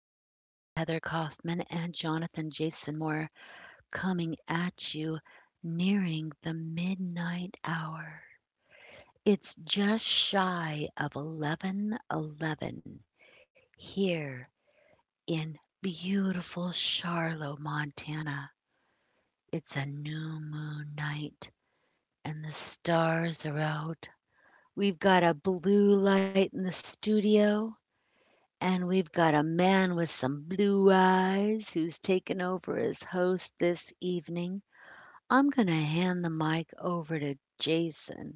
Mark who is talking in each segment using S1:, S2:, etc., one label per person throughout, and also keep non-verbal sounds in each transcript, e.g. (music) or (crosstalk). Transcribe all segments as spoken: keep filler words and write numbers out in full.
S1: Kaufman and Jonathan Jason Moore coming at you nearing the midnight hour. It's just shy of eleven eleven here in beautiful Charlotte, Montana. It's a new moon night and the stars are out. We've got a blue light in the studio, and we've got a man with some blue eyes who's taken over as host this evening. I'm going to hand the mic over to Jason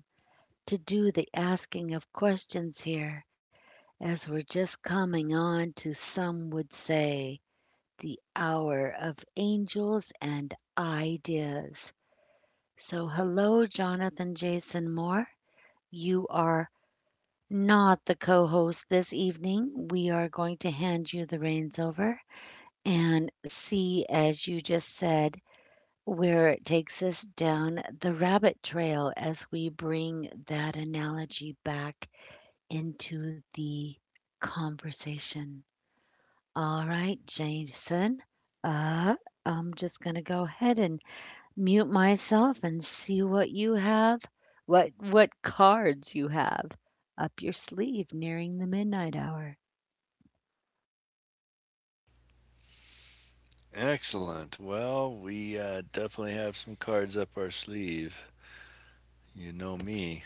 S1: to do the asking of questions here as we're just coming on to, some would say, the hour of angels and ideas. So, hello, Jonathan Jason Moore. You are not the co host this evening. We are going to hand you the reins over and see, as you just said, where it takes us down the rabbit trail as we bring that analogy back into the conversation. All right, Jason. Uh, I'm just going to go ahead and mute myself and see what you have, what what cards you have up your sleeve nearing the midnight hour.
S2: Excellent. Well, we uh, definitely have some cards up our sleeve. You know me.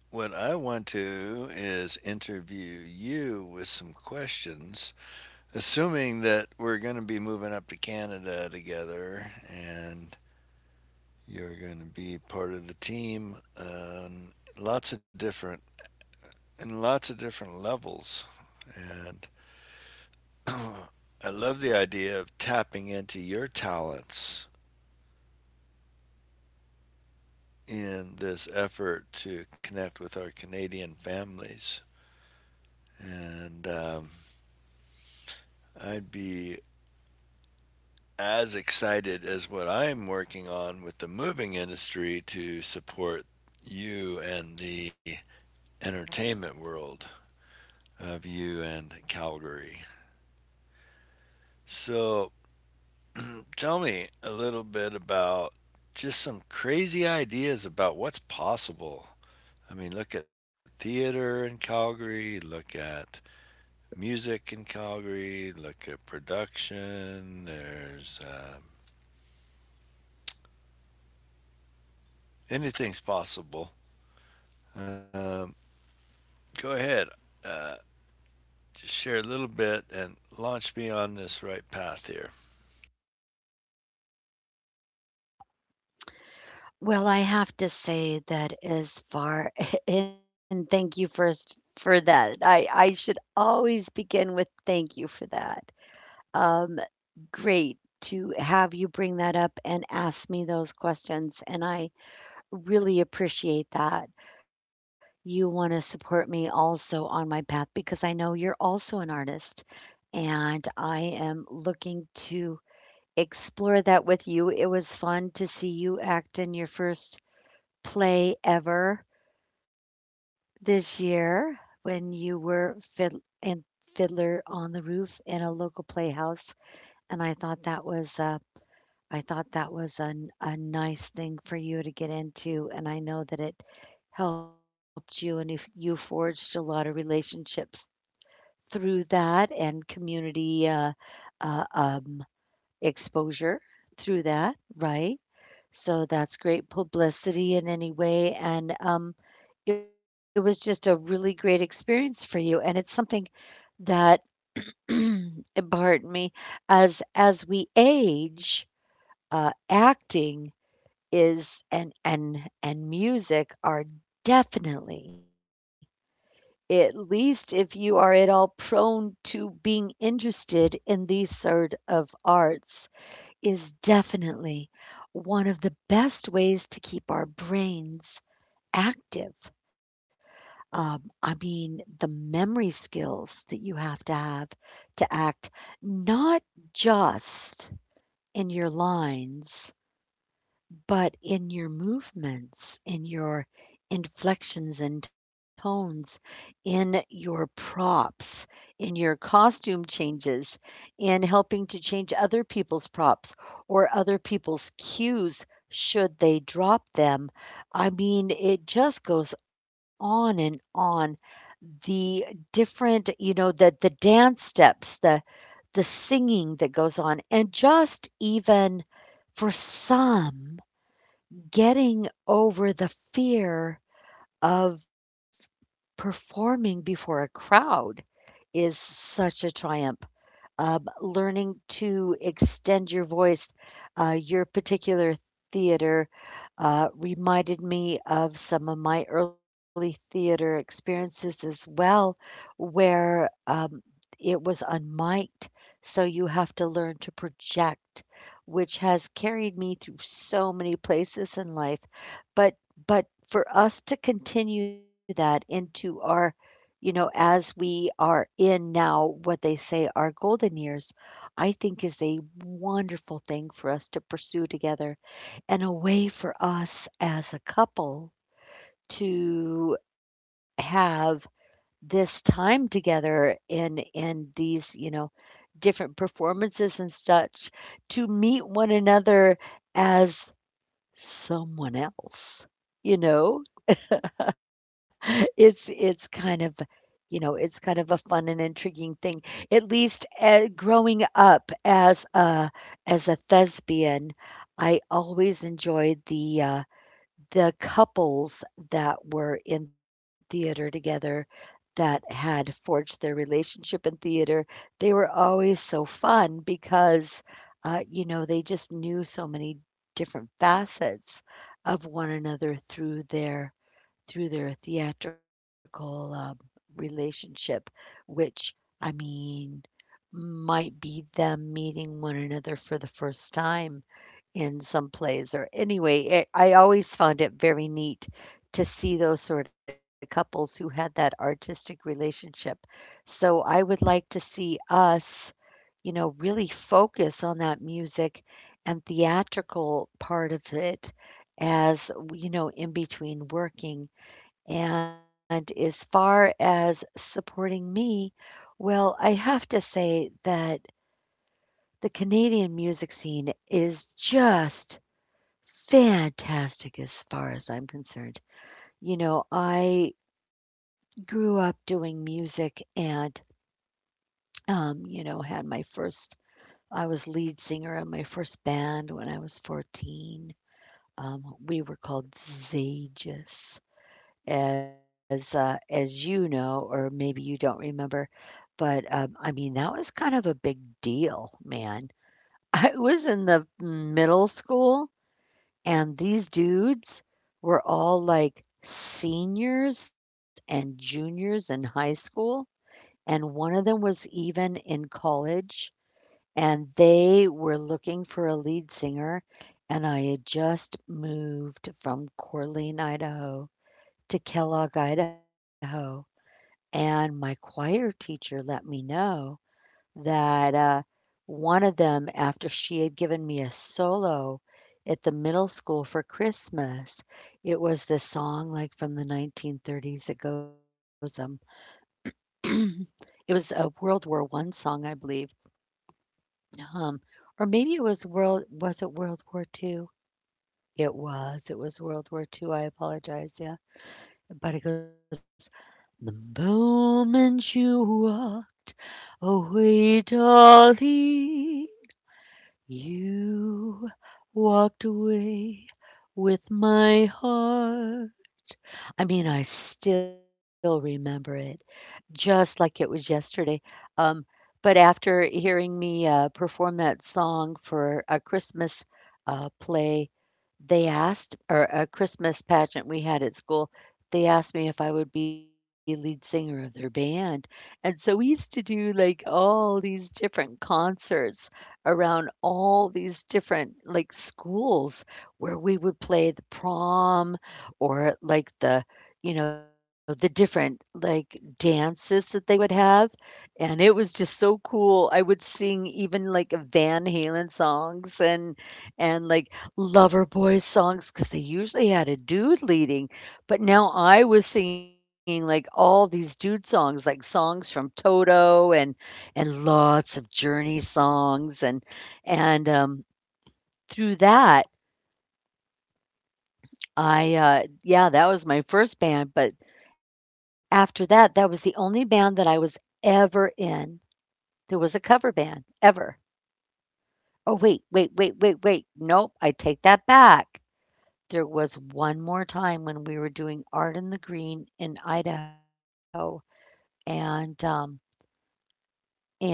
S2: What I want to is interview you with some questions, assuming that we're going to be moving up to Canada together and you're going to be part of the team on lots of different in lots of different levels and (clears throat) I love the idea of tapping into your talents in this effort to connect with our Canadian families. And um, I'd be as excited as what I'm working on with the moving industry to support you and the entertainment world of you and Calgary. So (clears throat) tell me a little bit about just some crazy ideas about what's possible. I mean, look at theater in Calgary, look at the music in Calgary, look at production. There's um, anything's possible. Um, Go ahead, uh, just share a little bit and launch me on this right path here.
S1: Well, I have to say that as far (laughs) and thank you first for that. I I should always begin with thank you for that. Um, Great to have you bring that up and ask me those questions, and I really appreciate that. You want to support me also on my path because I know you're also an artist, and I am looking to explore that with you. It was fun to see you act in your first play ever this year when you were fid- in Fiddler on the Roof in a local playhouse, and I thought that was uh, I thought that was a a nice thing for you to get into, and I know that it helped you, and if you forged a lot of relationships through that and community uh, uh, um, exposure through that, right? So that's great publicity in any way, and um, it was just a really great experience for you, and it's something that (clears throat) pardon me, as as we age, uh, acting is and and and music are definitely, at least if you are at all prone to being interested in these sort of arts, is definitely one of the best ways to keep our brains active. Um, I mean, the memory skills that you have to have to act, not just in your lines but in your movements, in your inflections and tones, in your props, in your costume changes, in helping to change other people's props or other people's cues should they drop them. I mean, it just goes on and on. The different, you know, the the dance steps, the the singing that goes on, and just even for some, getting over the fear of performing before a crowd is such a triumph. Um, learning to extend your voice. Uh, your particular theater uh, reminded me of some of my early theater experiences as well, where um, it was unmiked. So you have to learn to project, which has carried me through so many places in life. But but for us to continue that into our, you know, as we are in now what they say our golden years, I think is a wonderful thing for us to pursue together and a way for us as a couple to have this time together in in these, you know, different performances and such, to meet one another as someone else, you know? (laughs) It's it's kind of, you know, it's kind of a fun and intriguing thing. At least uh, growing up as a as a thespian, I always enjoyed the uh, the couples that were in theater together that had forged their relationship in theater. They were always so fun because, uh, you know, they just knew so many different facets of one another through their through their theatrical, um, relationship, which, I mean, might be them meeting one another for the first time in some plays, or anyway, it, I always found it very neat to see those sort of couples who had that artistic relationship. So I would like to see us, you know, really focus on that music and theatrical part of it as, you know, in between working. And as far as supporting me, well, I have to say that the Canadian music scene is just fantastic as far as I'm concerned. You know, I grew up doing music and, um, you know, had my first, I was lead singer in my first band when I was fourteen. Um, we were called Zages, as uh, as you know, or maybe you don't remember. But, um, I mean, that was kind of a big deal, man. (laughs) I was in the middle school, and these dudes were all, like, seniors and juniors in high school, and one of them was even in college, and they were looking for a lead singer, and I had just moved from Corleen, Idaho to Kellogg, Idaho, and my choir teacher let me know that uh, one of them, after she had given me a solo at the middle school for Christmas, it was this song like from the nineteen thirties. It goes, um, (clears throat) it was a World War One song, I believe, um, or maybe it was world. Was it World War Two? It was. It was World War Two. I apologize. Yeah, but it goes, the moment you walked away, darling. You walked away with my heart. I mean, I still remember it just like it was yesterday. Um, but after hearing me uh, perform that song for a Christmas uh, play, they asked, or a Christmas pageant we had at school, they asked me if I would be lead singer of their band. And so we used to do like all these different concerts around all these different like schools where we would play the prom or like the, you know, the different, like, dances that they would have, and it was just so cool. I would sing even, like, Van Halen songs and and, like, Lover Boy songs because they usually had a dude leading, but now I was singing, like, all these dude songs, like, songs from Toto and and lots of Journey songs and and, um, through that I, uh yeah, that was my first band, but after that, that was the only band that I was ever in. There was a cover band, ever. Oh, wait, wait, wait, wait, wait. Nope, I take that back. There was one more time when we were doing Art in the Green in Idaho, and um, and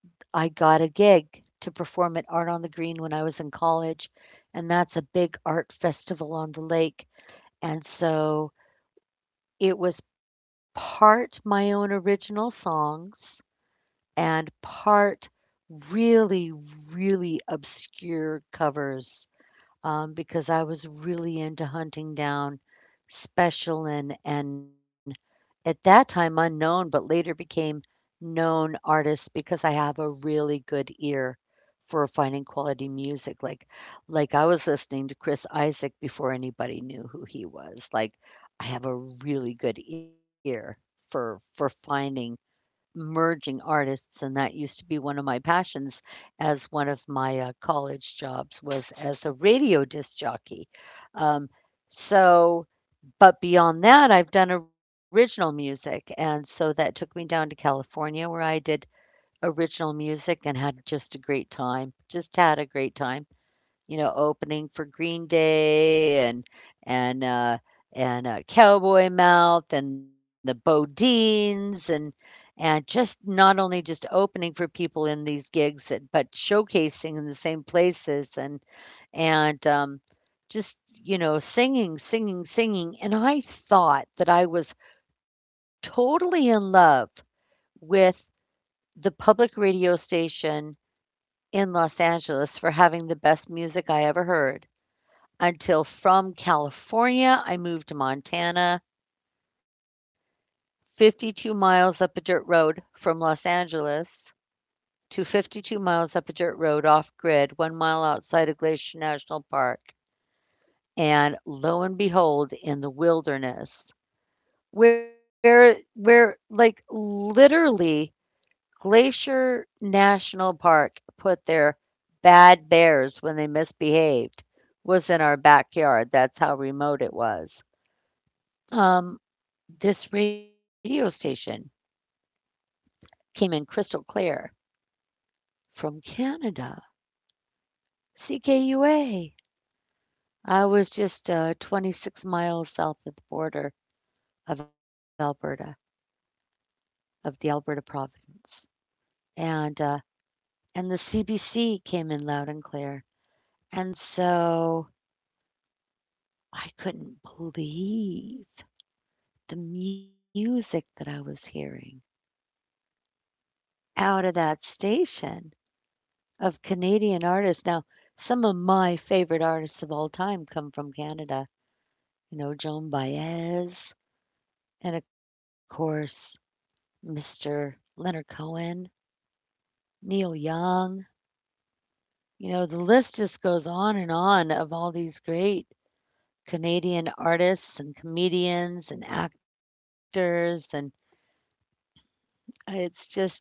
S1: I got a gig to perform at Art on the Green when I was in college, and that's a big art festival on the lake. And so it was part my own original songs and part really, really obscure covers, um, because I was really into hunting down special and and at that time unknown, but later became known artists, because I have a really good ear for finding quality music. Like like I was listening to Chris Isaac before anybody knew who he was. Like, I have a really good ear for for finding merging artists, and that used to be one of my passions. As one of my, uh, college jobs was as a radio disc jockey. Um, so, but beyond that, I've done original music, and so that took me down to California where I did original music and had just a great time, just had a great time, you know, opening for Green Day and and uh, and uh, Cowboy Mouth and the Bodines and and just not only just opening for people in these gigs, but showcasing in the same places and and um, just, you know, singing, singing, singing. And I thought that I was totally in love with the public radio station in Los Angeles for having the best music I ever heard, until from California, I moved to Montana, fifty-two miles up a dirt road from Los Angeles to fifty-two miles up a dirt road off grid, one mile outside of Glacier National Park. And lo and behold, in the wilderness, where, where like literally Glacier National Park put their bad bears when they misbehaved was in our backyard. That's how remote it was. Um, This radio station came in crystal clear from Canada, C K U A. I was just uh, twenty-six miles south of the border of Alberta, of the Alberta province, and uh, and the C B C came in loud and clear, and so I couldn't believe the music that I was hearing out of that station of Canadian artists. Now, some of my favorite artists of all time come from Canada, you know, Joan Baez, and of course, mister Leonard Cohen, Neil Young. You know, the list just goes on and on of all these great Canadian artists and comedians and actors. And it's just, um,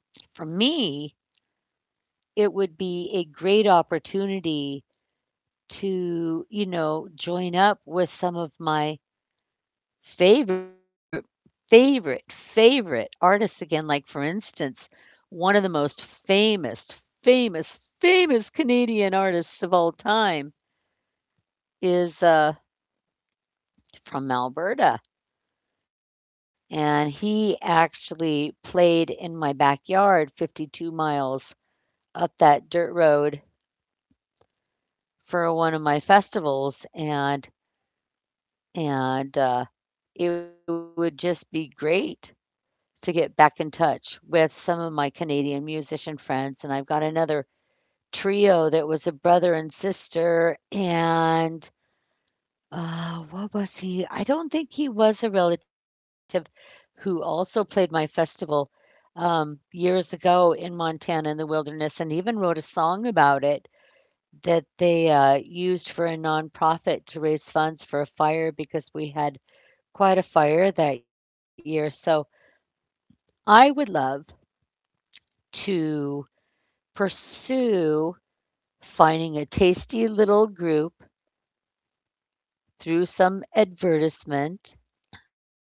S1: for me, it would be a great opportunity to, you know, join up with some of my Favorite favorite, favorite artists again, like, for instance, one of the most famous, famous, famous Canadian artists of all time is, uh, from Alberta, and he actually played in my backyard fifty-two miles up that dirt road for one of my festivals, and and, uh, it would just be great to get back in touch with some of my Canadian musician friends, and I've got another trio that was a brother and sister, and, uh, what was he? I don't think he was a relative who also played my festival, um, years ago in Montana in the wilderness and even wrote a song about it that they, uh, used for a nonprofit to raise funds for a fire because we had quite a fire that year. So I would love to pursue finding a tasty little group through some advertisement,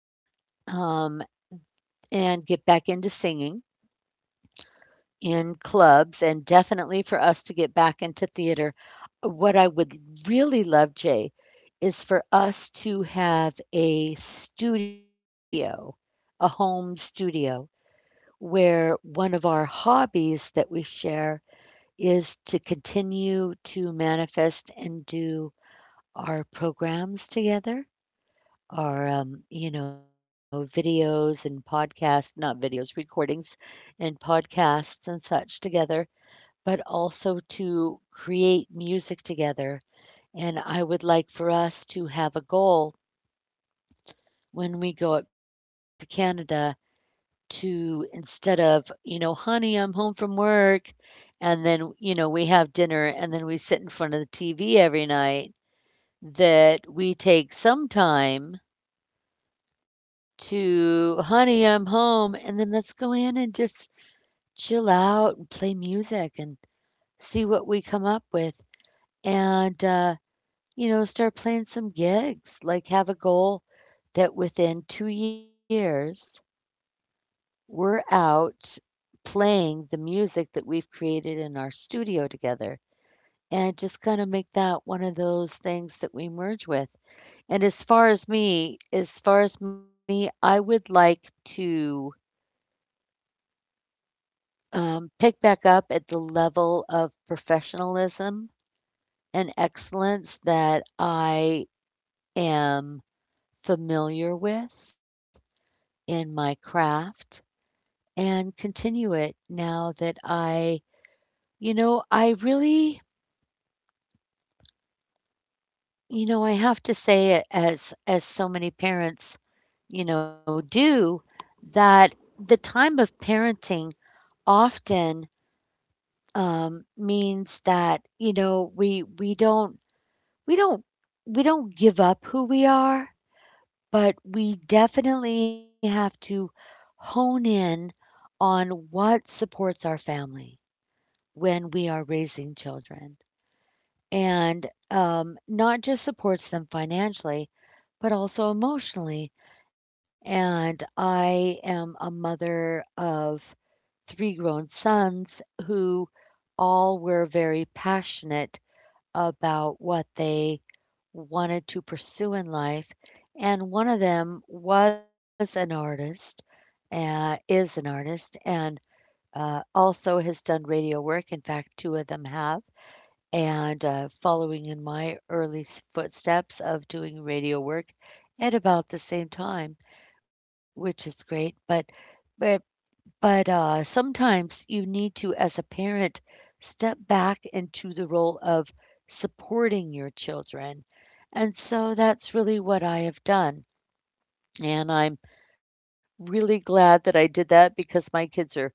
S1: um, and get back into singing in clubs and definitely for us to get back into theater. What I would really love, Jay, is for us to have a studio, a home studio, where one of our hobbies that we share is to continue to manifest and do our programs together, our, um, you know, videos and podcasts, not videos, recordings and podcasts and such together, but also to create music together. And I would like for us to have a goal when we go up to Canada to instead of, you know, honey, I'm home from work. And then, you know, we have dinner and then we sit in front of the T V every night. That we take some time to "Honey, I'm home," and then let's go in and just chill out and play music and see what we come up with. And, uh, you know, start playing some gigs, like, have a goal that within two years, we're out playing the music that we've created in our studio together, and just kinda make that one of those things that we merge with. And as far as me as far as me, I would like to um, pick back up at the level of professionalism and excellence that I am familiar with in my craft and continue it now that I, you know, I really, you know, I have to say it as as so many parents, you know, do that the time of parenting often um, means that you know we we don't We don't we don't give up who we are, but we definitely have to hone in on what supports our family when we are raising children, and, um, not just supports them financially, but also emotionally, and I am a mother of three grown sons who all were very passionate about what they wanted to pursue in life, and one of them was an artist, uh, is an artist, and, uh, also has done radio work, in fact, two of them have, and, uh, following in my early s footsteps of doing radio work at about the same time, which is great, but but but, uh, sometimes you need to, as a parent, step back into the role of supporting your children. And so that's really what I have done. And I'm really glad that I did that because my kids are,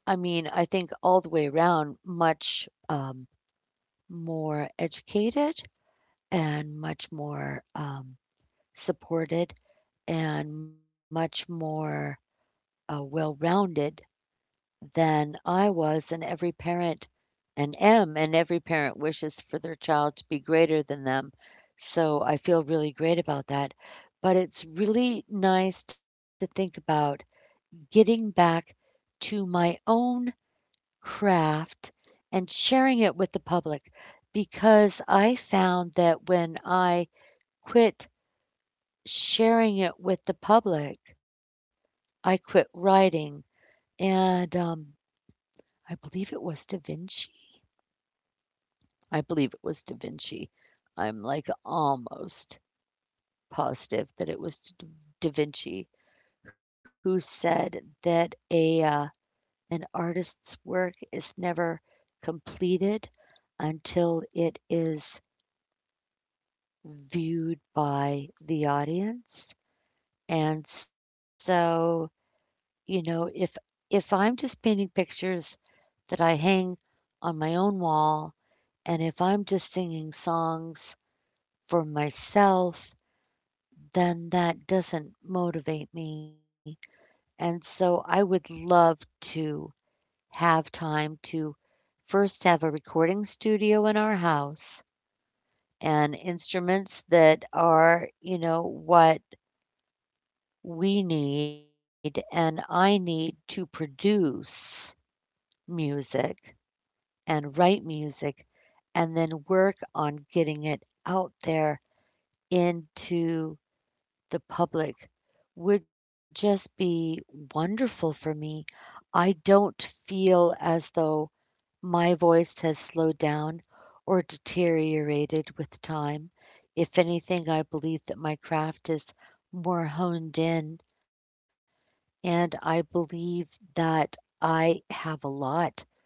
S1: I mean, I think all the way around, much um, more educated and much more um, supported and much more uh, well rounded than I was. And every parent and am, and every parent wishes for their child to be greater than them. So I feel really great about that. But it's really nice to think about getting back to my own craft and sharing it with the public because I found that when I quit sharing it with the public, I quit writing. And um, I believe it was Da Vinci I believe it was Da Vinci. I'm, like, almost positive that it was Da Vinci who said that a, uh, an artist's work is never completed until it is viewed by the audience, and so, you know, if if I'm just painting pictures that I hang on my own wall, and if I'm just singing songs for myself then that doesn't motivate me. And so I would love to have time to first have a recording studio in our house and instruments that are, you know, what we need and I need to produce music and write music and then work on getting it out there into the public would just be wonderful for me. I don't feel as though my voice has slowed down or deteriorated with time. If anything, I believe that my craft is more honed in, and I believe that I have a lot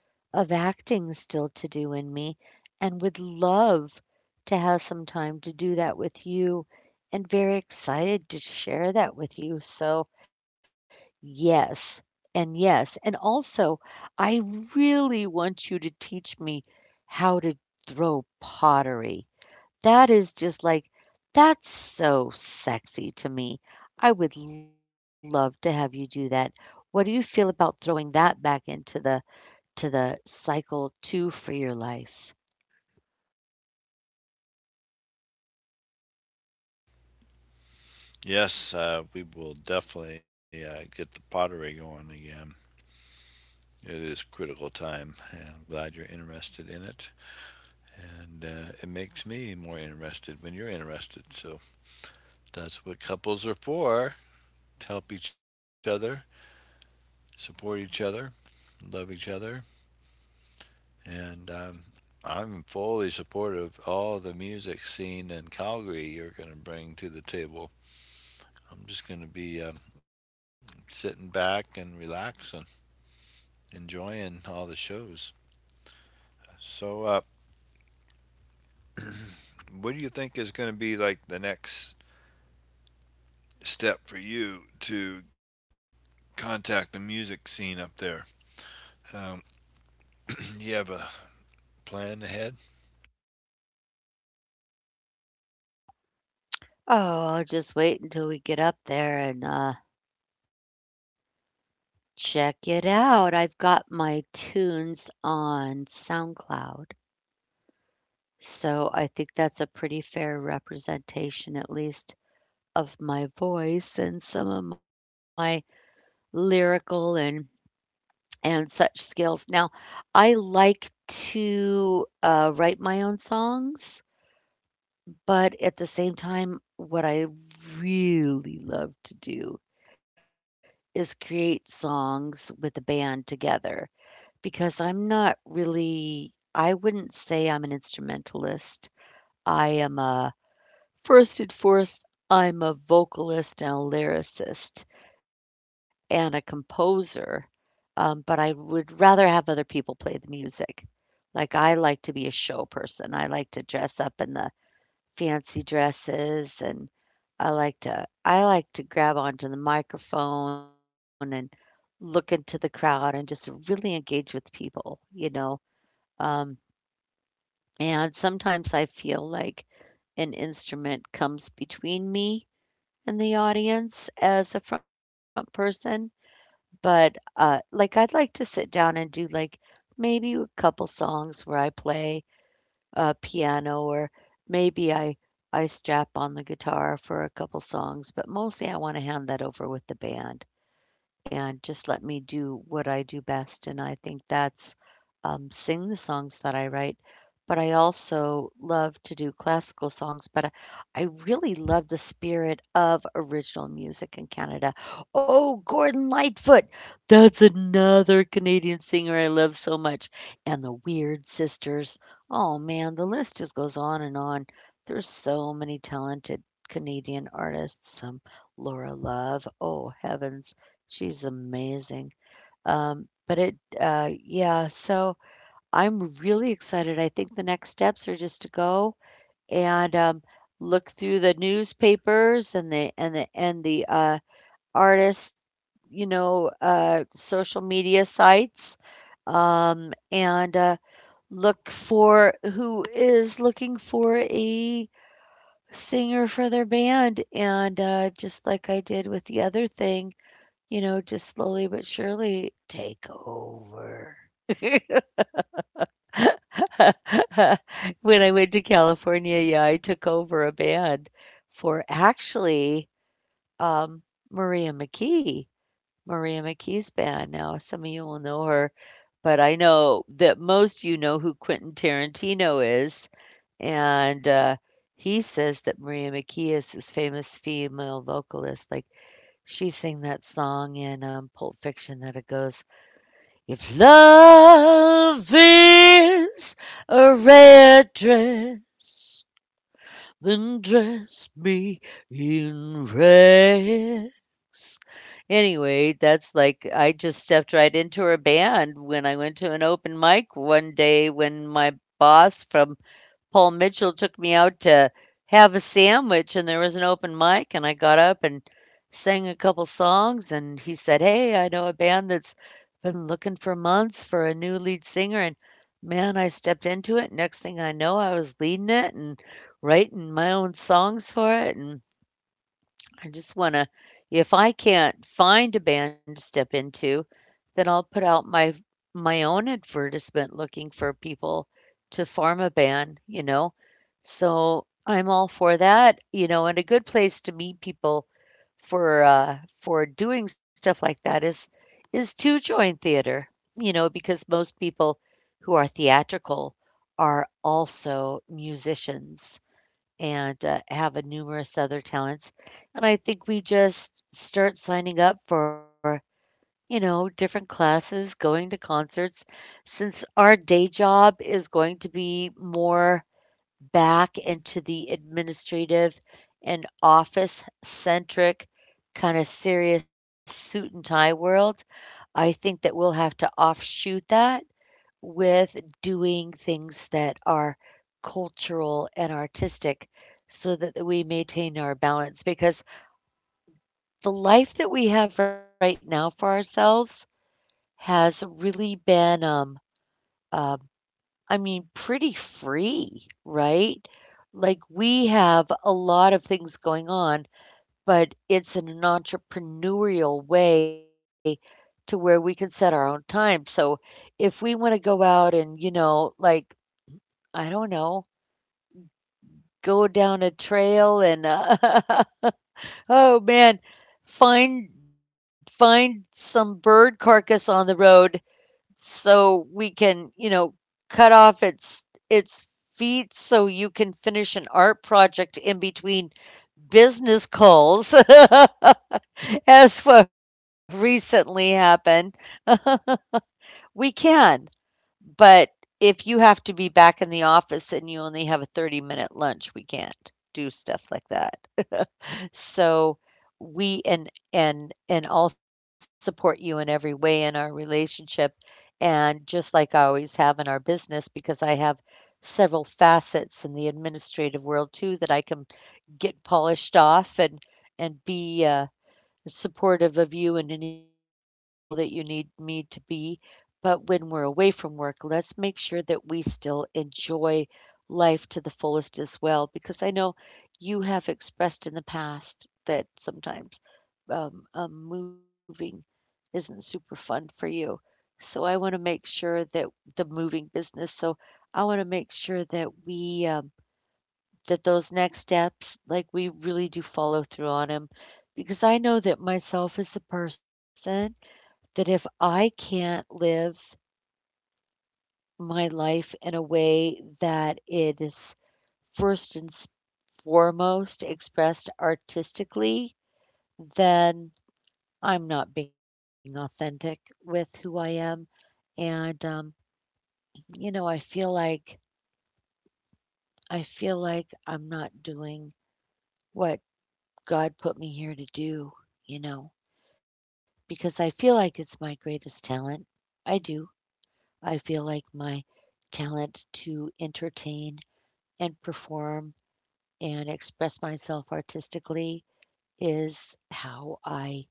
S1: of acting still to do in me, and would love to have some time to do that with you, and very excited to share that with you. So, yes, and yes. And also, I really want you to teach me how to throw pottery. That is just like, that's so sexy to me. I would love to have you do that. What do you feel about throwing that back into the to the cycle two for your life.
S2: Yes, uh, we will definitely uh, get the pottery going again. It is critical time, and I'm glad you're interested in it. And uh, it makes me more interested when you're interested. So that's what couples are for to help each other, support each other, love each other. And um, I'm fully supportive of all the music scene in Calgary you're going to bring to the table. I'm just going to be um, sitting back and relaxing, enjoying all the shows. So, uh, (clears throat) what do you think is going to be like the next step for you to contact the music scene up there? Um, (clears throat) you have a plan ahead?
S1: Oh, I'll just wait until we get up there and uh, check it out. I've got my tunes on SoundCloud. So I think that's a pretty fair representation, at least, of my voice and some of my lyrical and and such skills. Now, I like to uh, write my own songs. But at the same time, what I really love to do is create songs with the band together because I'm not really I wouldn't say I'm an instrumentalist. I am a first and foremost, I'm a vocalist and a lyricist and a composer, um, but I would rather have other people play the music. Like I like to be a show person. I like to dress up in the fancy dresses and I like to I like to grab onto the microphone and look into the crowd and just really engage with people, you know. Um, and sometimes I feel like an instrument comes between me and the audience as a front person, but uh, like I'd like to sit down and do like maybe a couple songs where I play uh, piano or maybe I I strap on the guitar for a couple songs, but mostly I want to hand that over with the band and just let me do what I do best. And I think that's um, sing the songs that I write. But I also love to do classical songs, but I, I really love the spirit of original music in Canada. Oh, Gordon Lightfoot! That's another Canadian singer I love so much. And the Weird Sisters. Oh, man, the list just goes on and on. There's so many talented Canadian artists. Um, Laura Love. Oh, heavens. She's amazing. Um, but it uh, Yeah, so I'm really excited. I think the next steps are just to go and, um, look through the newspapers and the and the and the, uh, artist, you know, uh, social media sites, um, and, uh, look for who is looking for a singer for their band, and, uh, just like I did with the other thing, you know, just slowly but surely take over. (laughs) When I went to California, yeah, I took over a band for actually, um, Maria McKee, Maria McKee's band. Now, some of you will know her, but I know that most you know who Quentin Tarantino is, and, uh, he says that Maria McKee is his famous female vocalist, like, she sang that song in, um, Pulp Fiction that it goes, "If love is a red dress, then dress me in rags." Anyway, that's like I just stepped right into her band when I went to an open mic one day when my boss from Paul Mitchell took me out to have a sandwich and there was an open mic and I got up and sang a couple songs and he said, "Hey, I know a band that's been looking for months for a new lead singer." And man, I stepped into it. Next thing I know, I was leading it and writing my own songs for it and I just want to if I can't find a band to step into, then I'll put out my my own advertisement looking for people to form a band, you know? So, I'm all for that, you know, and a good place to meet people for, uh, for doing stuff like that is is to join theater, you know, because most people who are theatrical are also musicians and, uh, have a numerous other talents, and I think we just start signing up for, you know, different classes, going to concerts, since our day job is going to be more back into the administrative and office centric kind of serious suit and tie world. I think that we'll have to offshoot that with doing things that are cultural and artistic so that we maintain our balance, because the life that we have right now for ourselves has really been um, uh, I mean, pretty free, right? Like, we have a lot of things going on, but it's in an entrepreneurial way to where we can set our own time. So, if we want to go out and, you know, like, I don't know, go down a trail and, uh, (laughs) oh man, find find some bird carcass on the road so we can, you know, cut off its its feet so you can finish an art project in between business calls (laughs) as what recently happened. (laughs) We can, but if you have to be back in the office and you only have a thirty minute lunch, we can't do stuff like that. So we and and and I'll support you in every way in our relationship, and just like I always have in our business, because I have several facets in the administrative world too that I can get polished off and and be uh, supportive of you in any role that you need me to be. But when we're away from work, let's make sure that we still enjoy life to the fullest as well, because I know you have expressed in the past that sometimes um, um, moving isn't super fun for you. So I want to make sure that the moving business, so I want to make sure that we um, that those next steps, like, we really do follow through on them, because I know that myself as a person, that if I can't live my life in a way that it is first and s foremost expressed artistically, then I'm not being authentic with who I am, and, um, you know, I feel like I feel like I'm not doing what God put me here to do, you know? Because I feel like it's my greatest talent. I do. I feel like my talent to entertain and perform and express myself artistically is how I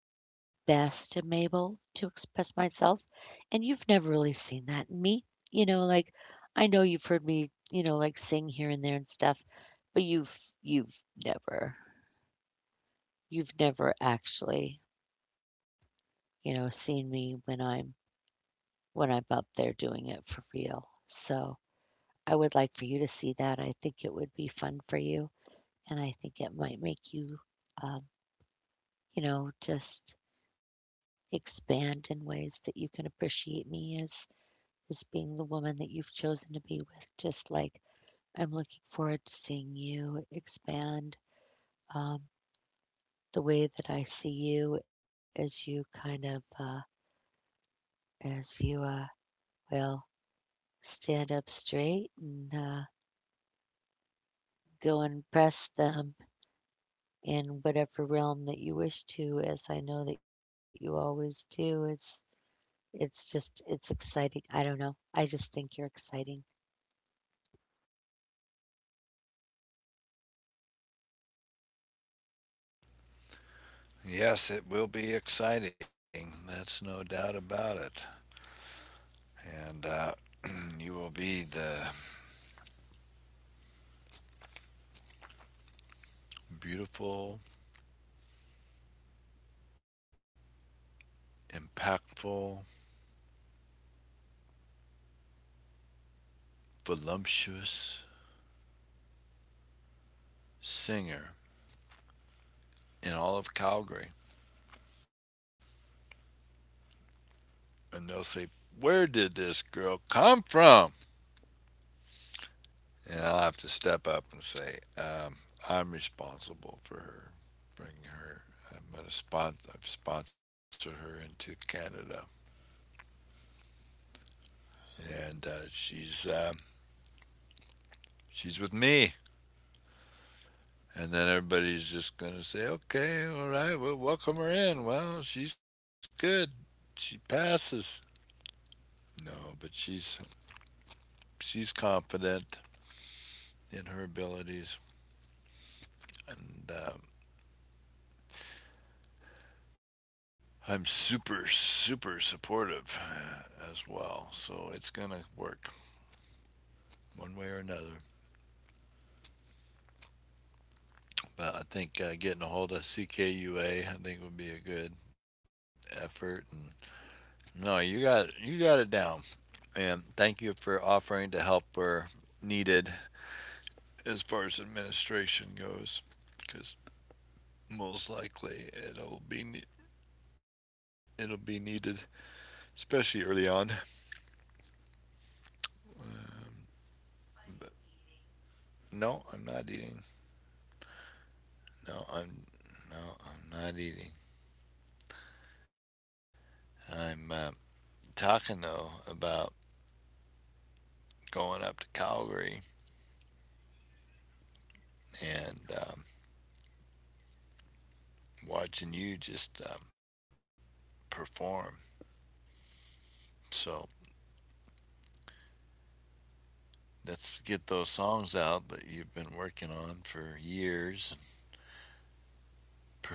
S1: best am able to express myself. And you've never really seen that in me. You know, like I know you've heard me, you know, like sing here and there and stuff, but you've you've never you've never actually, you know, seen me when I'm when I'm up there doing it for real. So I would like for you to see that. I think it would be fun for you, and I think it might make you, um, you know, just expand in ways that you can appreciate me as as being the woman that you've chosen to be with. Just like I'm looking forward to seeing you expand um, the way that I see you, as you kind of uh, as you uh, will stand up straight and uh, go and press them in whatever realm that you wish to, as I know that you always do. It's it's just it's exciting. I don't know. I just think you're exciting.
S2: Yes, it will be exciting. That's no doubt about it. And uh, (clears throat) you will be the beautiful, impactful, voluptuous singer in all of Calgary. And they'll say, "Where did this girl come from?" And I'll have to step up and say, um, I'm responsible for her, bringing her. I'm gonna spon- I've sponsored her into Canada, and uh, she's uh, she's with me. And then everybody's just going to say, okay, all right, we'll welcome her in. Well, she's good. She passes. No, but she's she's confident in her abilities, and um, I'm super super supportive uh, as well. So it's gonna work one way or another. But I think uh, getting a hold of C K U A, I think would be a good effort. And no, you got you got it down. And thank you for offering to help where needed as far as administration goes, because most likely it'll be it'll be needed, especially early on. But no, I'm not eating. No, I'm no, I'm not eating. I'm uh, talking though about going up to Calgary and um, watching you just um, perform. So let's get those songs out that you've been working on for years,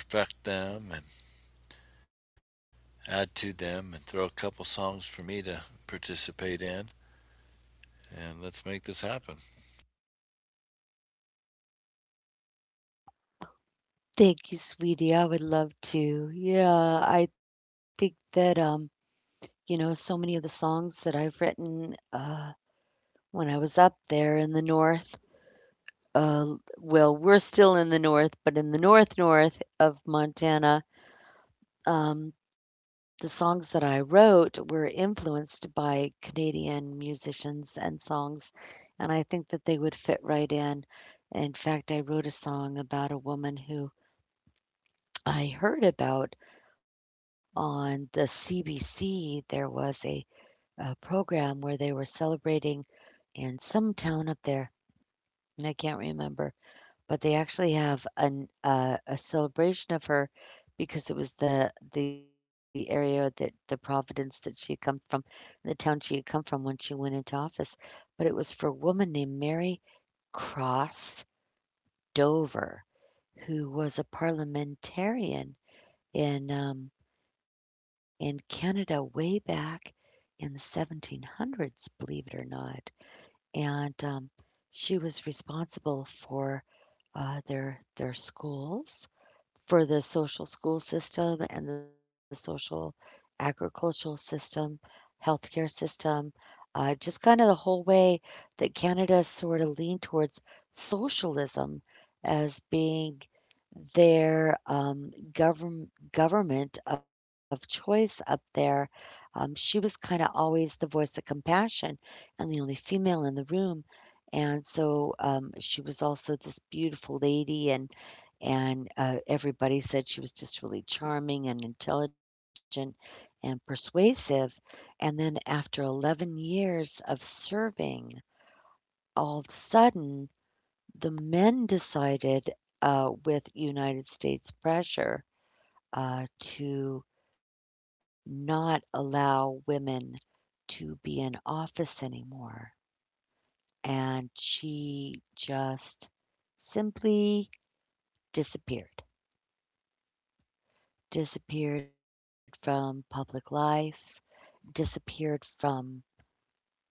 S2: perfect them, and add to them and throw a couple songs for me to participate in, and let's make this happen.
S1: Thank you, sweetie. I would love to. Yeah, I think that um, you know, so many of the songs that I've written uh when I was up there in the north, uh well, we're still in the north, but in the north north of Montana. Um, the songs that I wrote were influenced by Canadian musicians and songs, and I think that they would fit right in. In fact, I wrote a song about a woman who I heard about on the C B C. There was a, a program where they were celebrating in some town up there, and I can't remember. But they actually have an uh, a celebration of her because it was the the area that the Providence that she had come from, the town she had come from when she went into office. But it was for a woman named Mary Cross Dover, who was a parliamentarian in um, in Canada way back in the seventeen hundreds, believe it or not. And um, she was responsible for uh, their their schools, for the social school system and the social agricultural system, healthcare system, uh, just kind of the whole way that Canada sort of leaned towards socialism as being their um, govern- government of choice up there. Um, she was kind of always the voice of compassion and the only female in the room. And so um, she was also this beautiful lady, and and, uh, everybody said she was just really charming and intelligent and persuasive, and then after eleven years of serving, all of a sudden, the men decided, uh, with United States pressure, uh, to not allow women to be in office anymore, and she just simply disappeared, disappeared from public life, disappeared from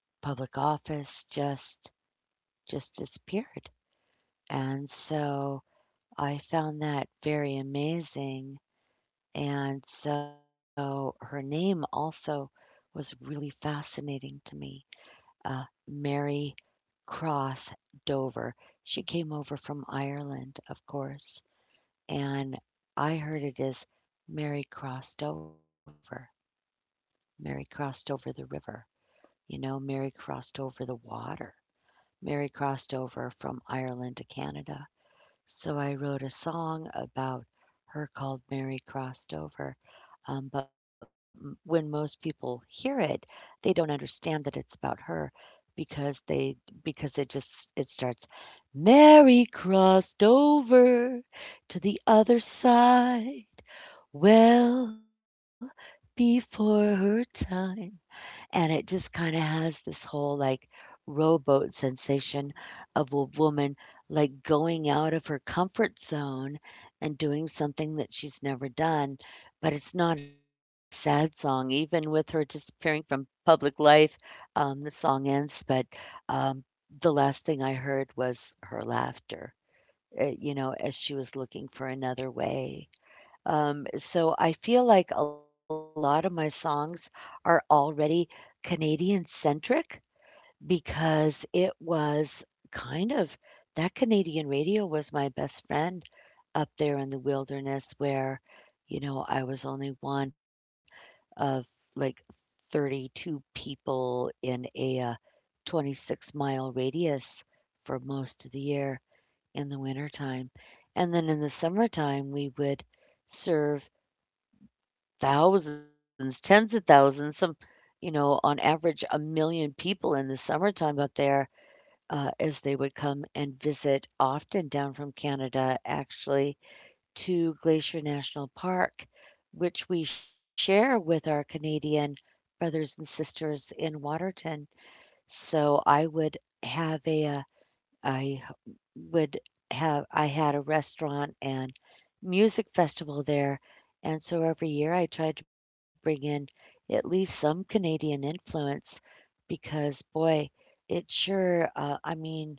S1: public office, just just disappeared. And so I found that very amazing. And so her name also was really fascinating to me. Uh, Mary Cross Dover. She came over from Ireland, of course, and I heard it as Mary crossed over. Mary crossed over the river. You know, Mary crossed over the water. Mary crossed over from Ireland to Canada. So I wrote a song about her called Mary Crossed Over. Um, but m- when most people hear it, they don't understand that it's about her, because they because it just it starts, Mary crossed over to the other side well before her time. And it just kinda has this whole, like, rowboat sensation of a woman, like, going out of her comfort zone and doing something that she's never done, but it's not a sad song. Even with her disappearing from public life, um, the song ends, but, um, the last thing I heard was her laughter, eh, you know, as she was looking for another way. Um, so I feel like a lot of my songs are already Canadian centric because it was kind of that Canadian radio was my best friend up there in the wilderness, where, you know, I was only one of like thirty-two people in a uh, twenty-six mile radius for most of the year in the wintertime. And then in the summertime, we would serve thousands, tens of thousands, some you know, on average, a million people in the summertime up there, uh, as they would come and visit often down from Canada, actually, to Glacier National Park, which we share with our Canadian brothers and sisters in Waterton. So I would have a, uh I h would have I had a restaurant and music festival there, and so every year I tried to bring in at least some Canadian influence because, boy, it sure, uh, I mean,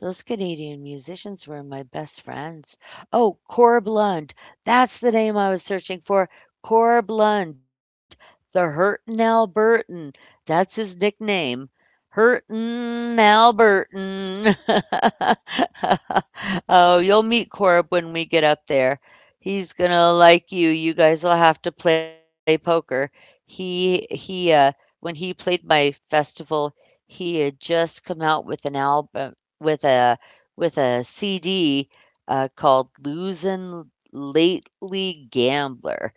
S1: those Canadian musicians were my best friends. Oh, Cora Blund. That's the name I was searching for. Cora Blund, the Hurtin' Albertan. That's his nickname. Hurtin' Albertan. (laughs) Oh, you'll meet Corb when we get up there. He's gonna like you. You guys will have to play poker. He he uh When he played my festival, he had just come out with an album with a with a C D, uh, called "Losing Lately Gambler,"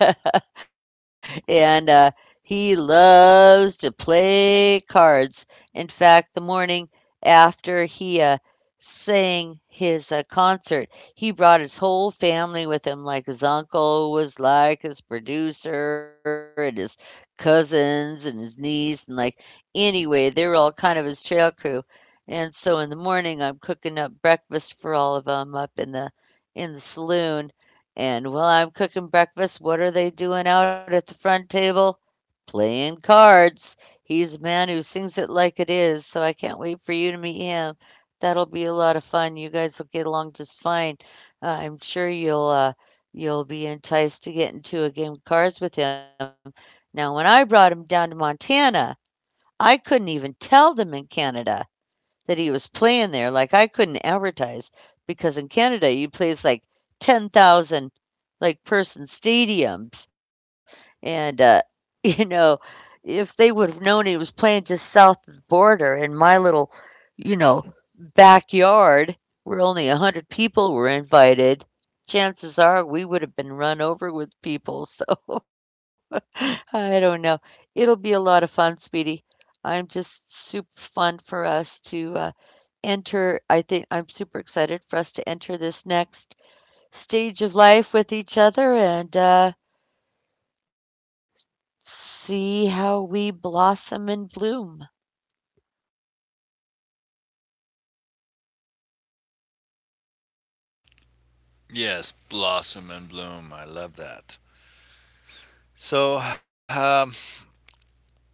S1: (laughs) and, uh, he loves to play cards. In fact, the morning after he, uh, sang his, uh, concert, he brought his whole family with him, like his uncle was like his producer and his cousins and his niece, and, like, anyway, they were all kind of his trail crew, and so in the morning, I'm cooking up breakfast for all of 'em up in the in the saloon. And while I'm cooking breakfast, what are they doing out at the front table? Playing cards. He's a man who sings it like it is, so I can't wait for you to meet him. That'll be a lot of fun. You guys will get along just fine. Uh, I'm sure you'll uh, you'll be enticed to get into a game of cards with him. Now, when I brought him down to Montana, I couldn't even tell them in Canada that he was playing there, like I couldn't advertise, because in Canada you plays like ten thousand like person stadiums. And, uh, (laughs) you know, if they would have known he was playing just south of the border in my little, you know, backyard where only one hundred people were invited, chances are we would have been run over with people. So (laughs) I don't know. It'll be a lot of fun, Speedy. I'm just super fun for us to uh, enter. I think I'm super excited for us to enter this next stage of life with each other and uh, see how we blossom and bloom.
S2: Yes, blossom and bloom. I love that. So um, we uh,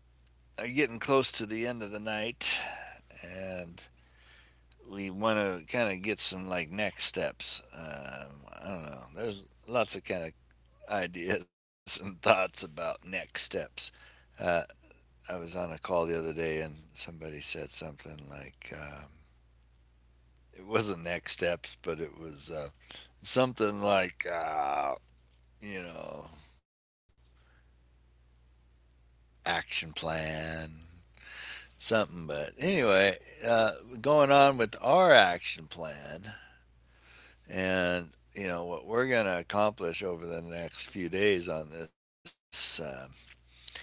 S2: are getting close to the end of the night, and we want to kind of get some like next steps. Um, I don't know. There's lots of kind of ideas (laughs) and thoughts about next steps. Uh, I was on a call the other day, and somebody said something like. Um, it wasn't next steps, but it was uh, something like uh, you know action plan, something. But anyway, uh, going on with our action plan and. You know what we're going to accomplish over the next few days on this. Uh,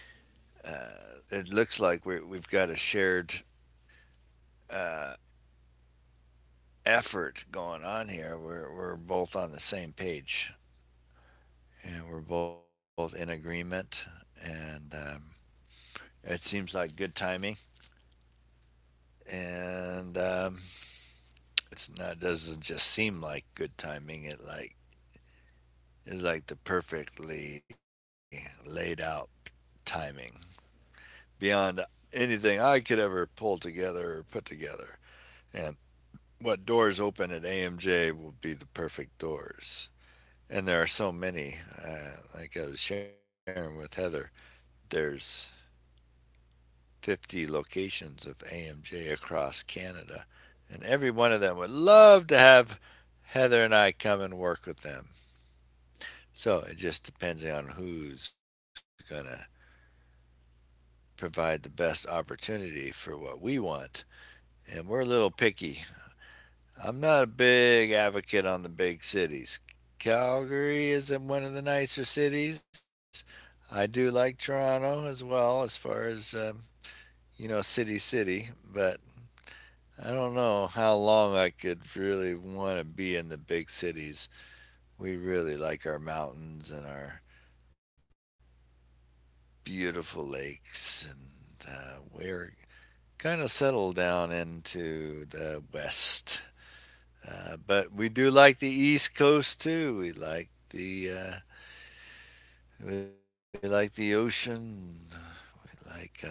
S2: uh, it looks like we we've got a shared uh, effort going on here. We're we're both on the same page, and we're both in agreement. And um, it seems like good timing, and um, it's not doesn't just seem like good timing. It like is like the perfectly laid out timing beyond anything I could ever pull together or put together. And what doors open at A M J will be the perfect doors. And there are so many. Uh, like I was sharing with Heather, there's fifty locations of A M J across Canada, and every one of them would love to have Heather and I come and work with them. So it just depends on who's going to provide the best opportunity for what we want. And we're a little picky. I'm not a big advocate on the big cities. Calgary is one of the nicer cities. I do like Toronto as well, as far as, um, you know, city, city. But I don't know how long I could really want to be in the big cities. We really like our mountains and our beautiful lakes, and uh, we're kind of settled down into the west. Uh, but we do like the East Coast too. We like the uh, we like the ocean. We like um,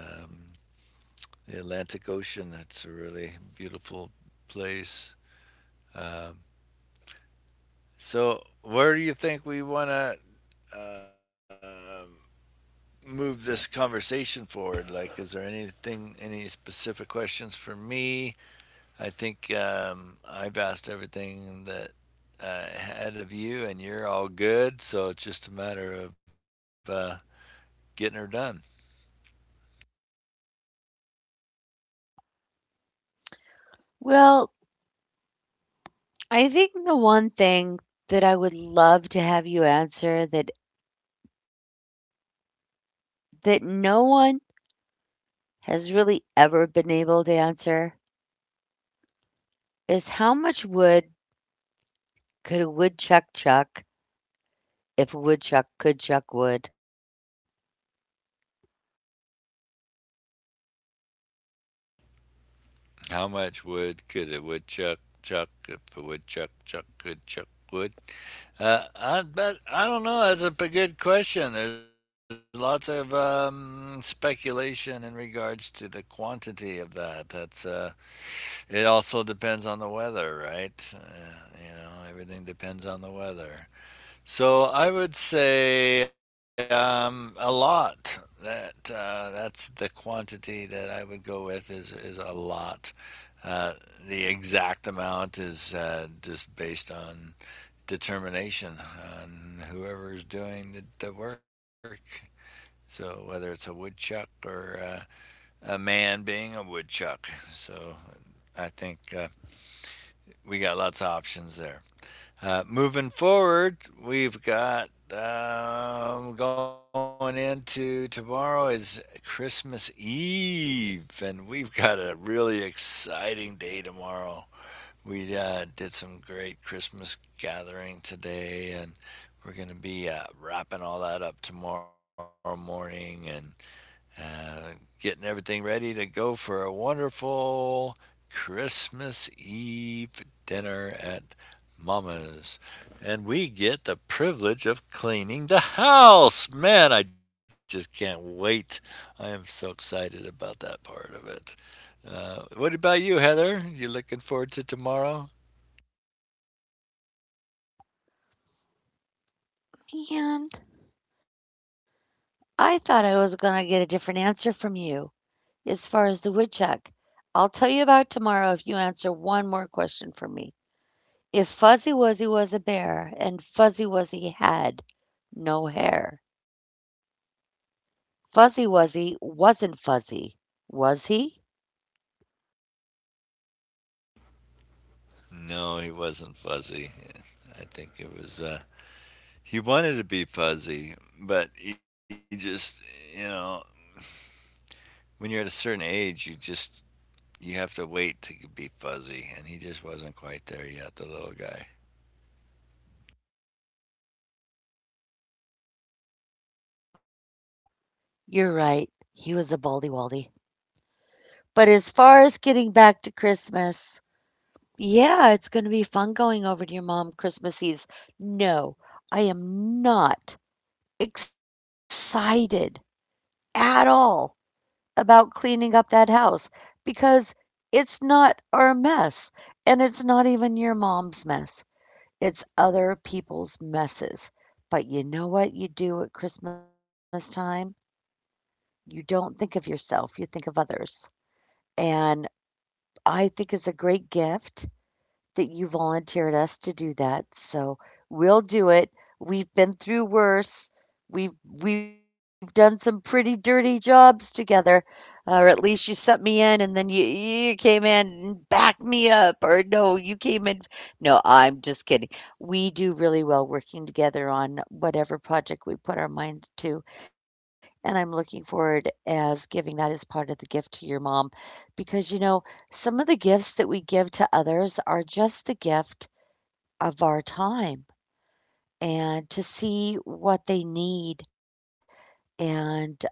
S2: the Atlantic Ocean. That's a really beautiful place. Um, so, where do you think we want to uh, move this conversation forward? Like, is there anything, any specific questions for me? I think um, I've asked everything that I had of you, and you're all good. So it's just a matter of uh, getting her done.
S1: Well, I think the one thing that I would love to have you answer, that that no one has really ever been able to answer, is how much wood could a woodchuck chuck if a woodchuck could chuck wood?
S2: How much wood could a woodchuck chuck if a woodchuck chuck could chuck wood? Uh, I bet I don't know. That's a good question. There's lots of um, speculation in regards to the quantity of that. That's uh, it. Also depends on the weather, right? Uh, you know, everything depends on the weather. So I would say um, a lot. That uh, that's the quantity that I would go with is is a lot. Uh, the exact amount is uh, just based on determination on whoever's doing the, the work. So whether it's a woodchuck or uh, a man being a woodchuck. So I think uh, we got lots of options there. Uh, moving forward, we've got um, going into tomorrow is Christmas Eve, and we've got a really exciting day tomorrow. We uh, did some great Christmas gathering today, and we're going to be uh, wrapping all that up tomorrow morning and uh, getting everything ready to go for a wonderful Christmas Eve dinner at Mama's. And we get the privilege of cleaning the house. Man, I just can't wait. I am so excited about that part of it. Uh, what about you, Heather? You looking forward to tomorrow?
S1: And I thought I was going to get a different answer from you, as far as the woodchuck. I'll tell you about tomorrow if you answer one more question for me. If Fuzzy Wuzzy was a bear and Fuzzy Wuzzy had no hair, Fuzzy Wuzzy wasn't fuzzy, was he?
S2: No, he wasn't fuzzy. I think it was. Uh, he wanted to be fuzzy, but he just, you know, when you're at a certain age, you just you have to wait to be fuzzy, and he just wasn't quite there yet, the little guy.
S1: You're right, he was a baldy waldy. But as far as getting back to Christmas, yeah, it's going to be fun going over to your mom Christmas Eve. No, I am not excited at all about cleaning up that house, because it's not our mess and it's not even your mom's mess. It's other people's messes. But you know what you do at Christmas time? You don't think of yourself, you think of others. And I think it's a great gift that you volunteered us to do that. So we'll do it. We've been through worse. We've we've done some pretty dirty jobs together, uh, or at least you sent me in, and then you you came in and backed me up, or no, you came in. No, I'm just kidding. We do really well working together on whatever project we put our minds to, and I'm looking forward as giving that as part of the gift to your mom, because you know, some of the gifts that we give to others are just the gift of our time and to see what they need and um,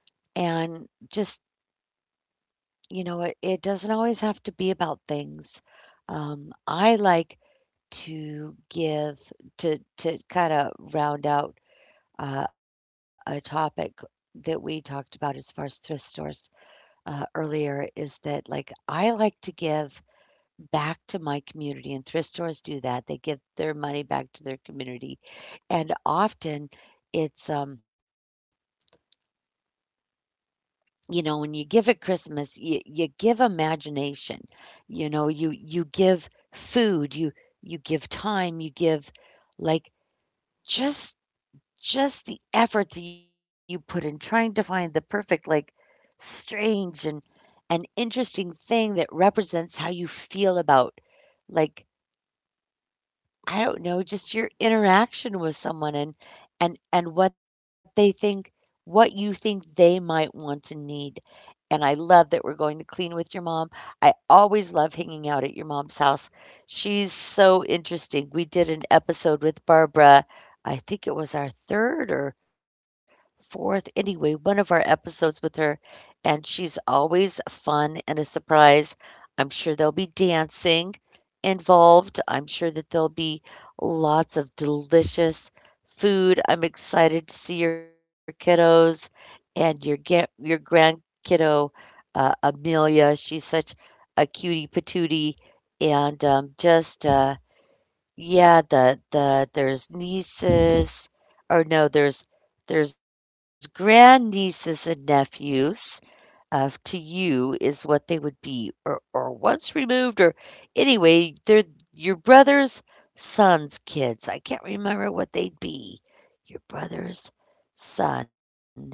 S1: and just you know it, it doesn't always have to be about things. Um, I like to give to to kind of round out uh, a topic that we talked about as far as thrift stores uh, earlier. Is that, like, I like to give back to my community, and thrift stores do that. They give their money back to their community, and often it's um you know, when you give at Christmas, you you give imagination. You know, you you give food, you you give time, you give, like just just the effort that you put in trying to find the perfect, like, strange and an interesting thing that represents how you feel about, like, I don't know, just your interaction with someone, and and and what they think, what you think they might want to need. And I love that we're going to clean with your mom. I always love hanging out at your mom's house. She's so interesting. We did an episode with Barbara. I think it was our third or fourth, anyway, one of our episodes with her. And she's always fun and a surprise. I'm sure they'll be dancing involved. I'm sure that there'll be lots of delicious food. I'm excited to see your kiddos and your get your grand kiddo, uh, Amelia. She's such a cutie patootie, and um, just uh, yeah, the the there's nieces, or no, there's there's grand nieces and nephews uh, to you is what they would be, or, or once removed, or anyway, they're your brother's son's kids. I can't remember what they'd be. Your brother's son is,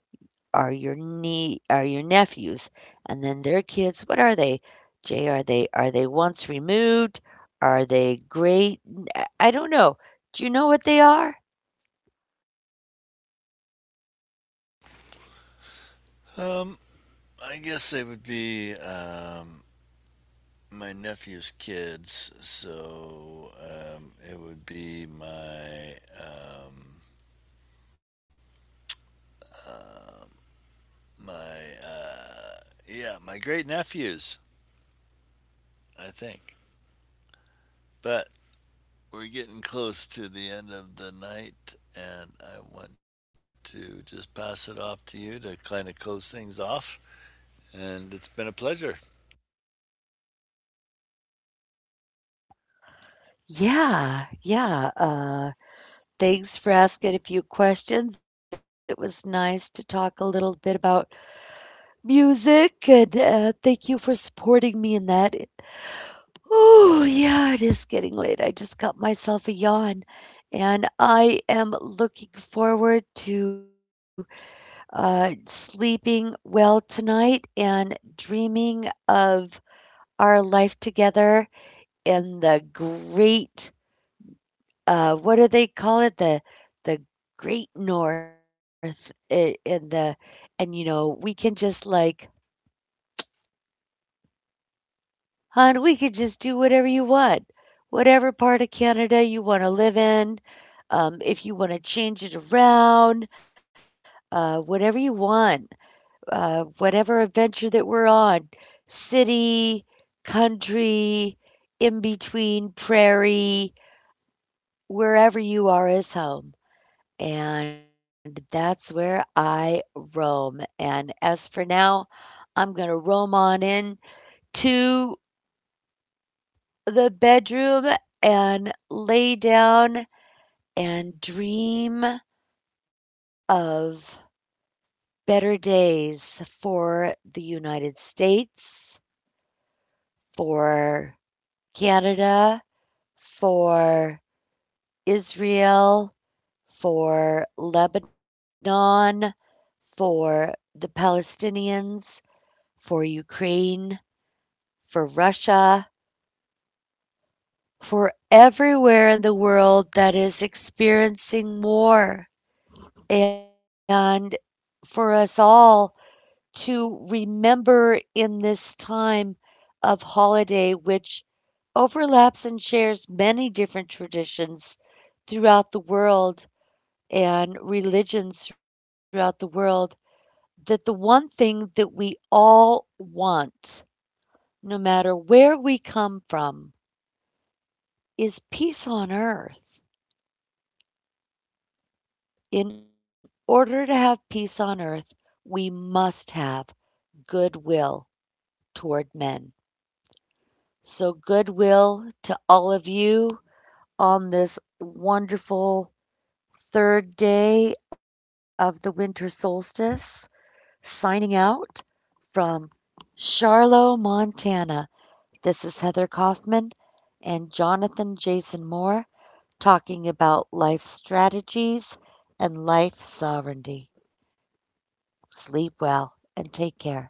S1: are your nie are your nephews, and then their kids, what are they? Jay, are they, are they once removed? Are they great? I I I don't know. Do you know what they are?
S2: Um, I guess they would be um, my nephew's kids, so um, it would be my um, my uh, yeah, my great nephews, I think. But we're getting close to the end of the night, and I want to just pass it off to you to kind of close things off. And it's been a pleasure.
S1: Yeah, yeah. Uh, Thanks for asking a few questions. It was nice to talk a little bit about music, and uh, thank you for supporting me in that. Oh, yeah, it is getting late. I just got myself a yawn, and I am looking forward to uh, sleeping well tonight and dreaming of our life together and the great, uh, what do they call it? The the Great North i- in the, and you know, we can just, like, hon, we could just do whatever you want. Whatever part of Canada you want to live in, um, if you want to change it around, uh, whatever you want, uh, whatever adventure that we're on, city, country, in between, prairie, wherever you are is home, and that's where I roam. And as for now, I'm going to roam on in to the bedroom and lay down and dream of better days for the United States, for Canada, for Israel, for Lebanon, for the Palestinians, for Ukraine, for Russia, for everywhere in the world that is experiencing war, and for us all to remember, in this time of holiday, which overlaps and shares many different traditions throughout the world and religions throughout the world, that the one thing that we all want, no matter where we come from, is peace on earth. In order to have peace on earth, we must have goodwill toward men. So, goodwill to all of you on this wonderful third day of the winter solstice. Signing out from Charlotte, Montana. This is Heather Kaufman and Jonathan Jason Moore, talking about life strategies and life sovereignty. Sleep well and take care.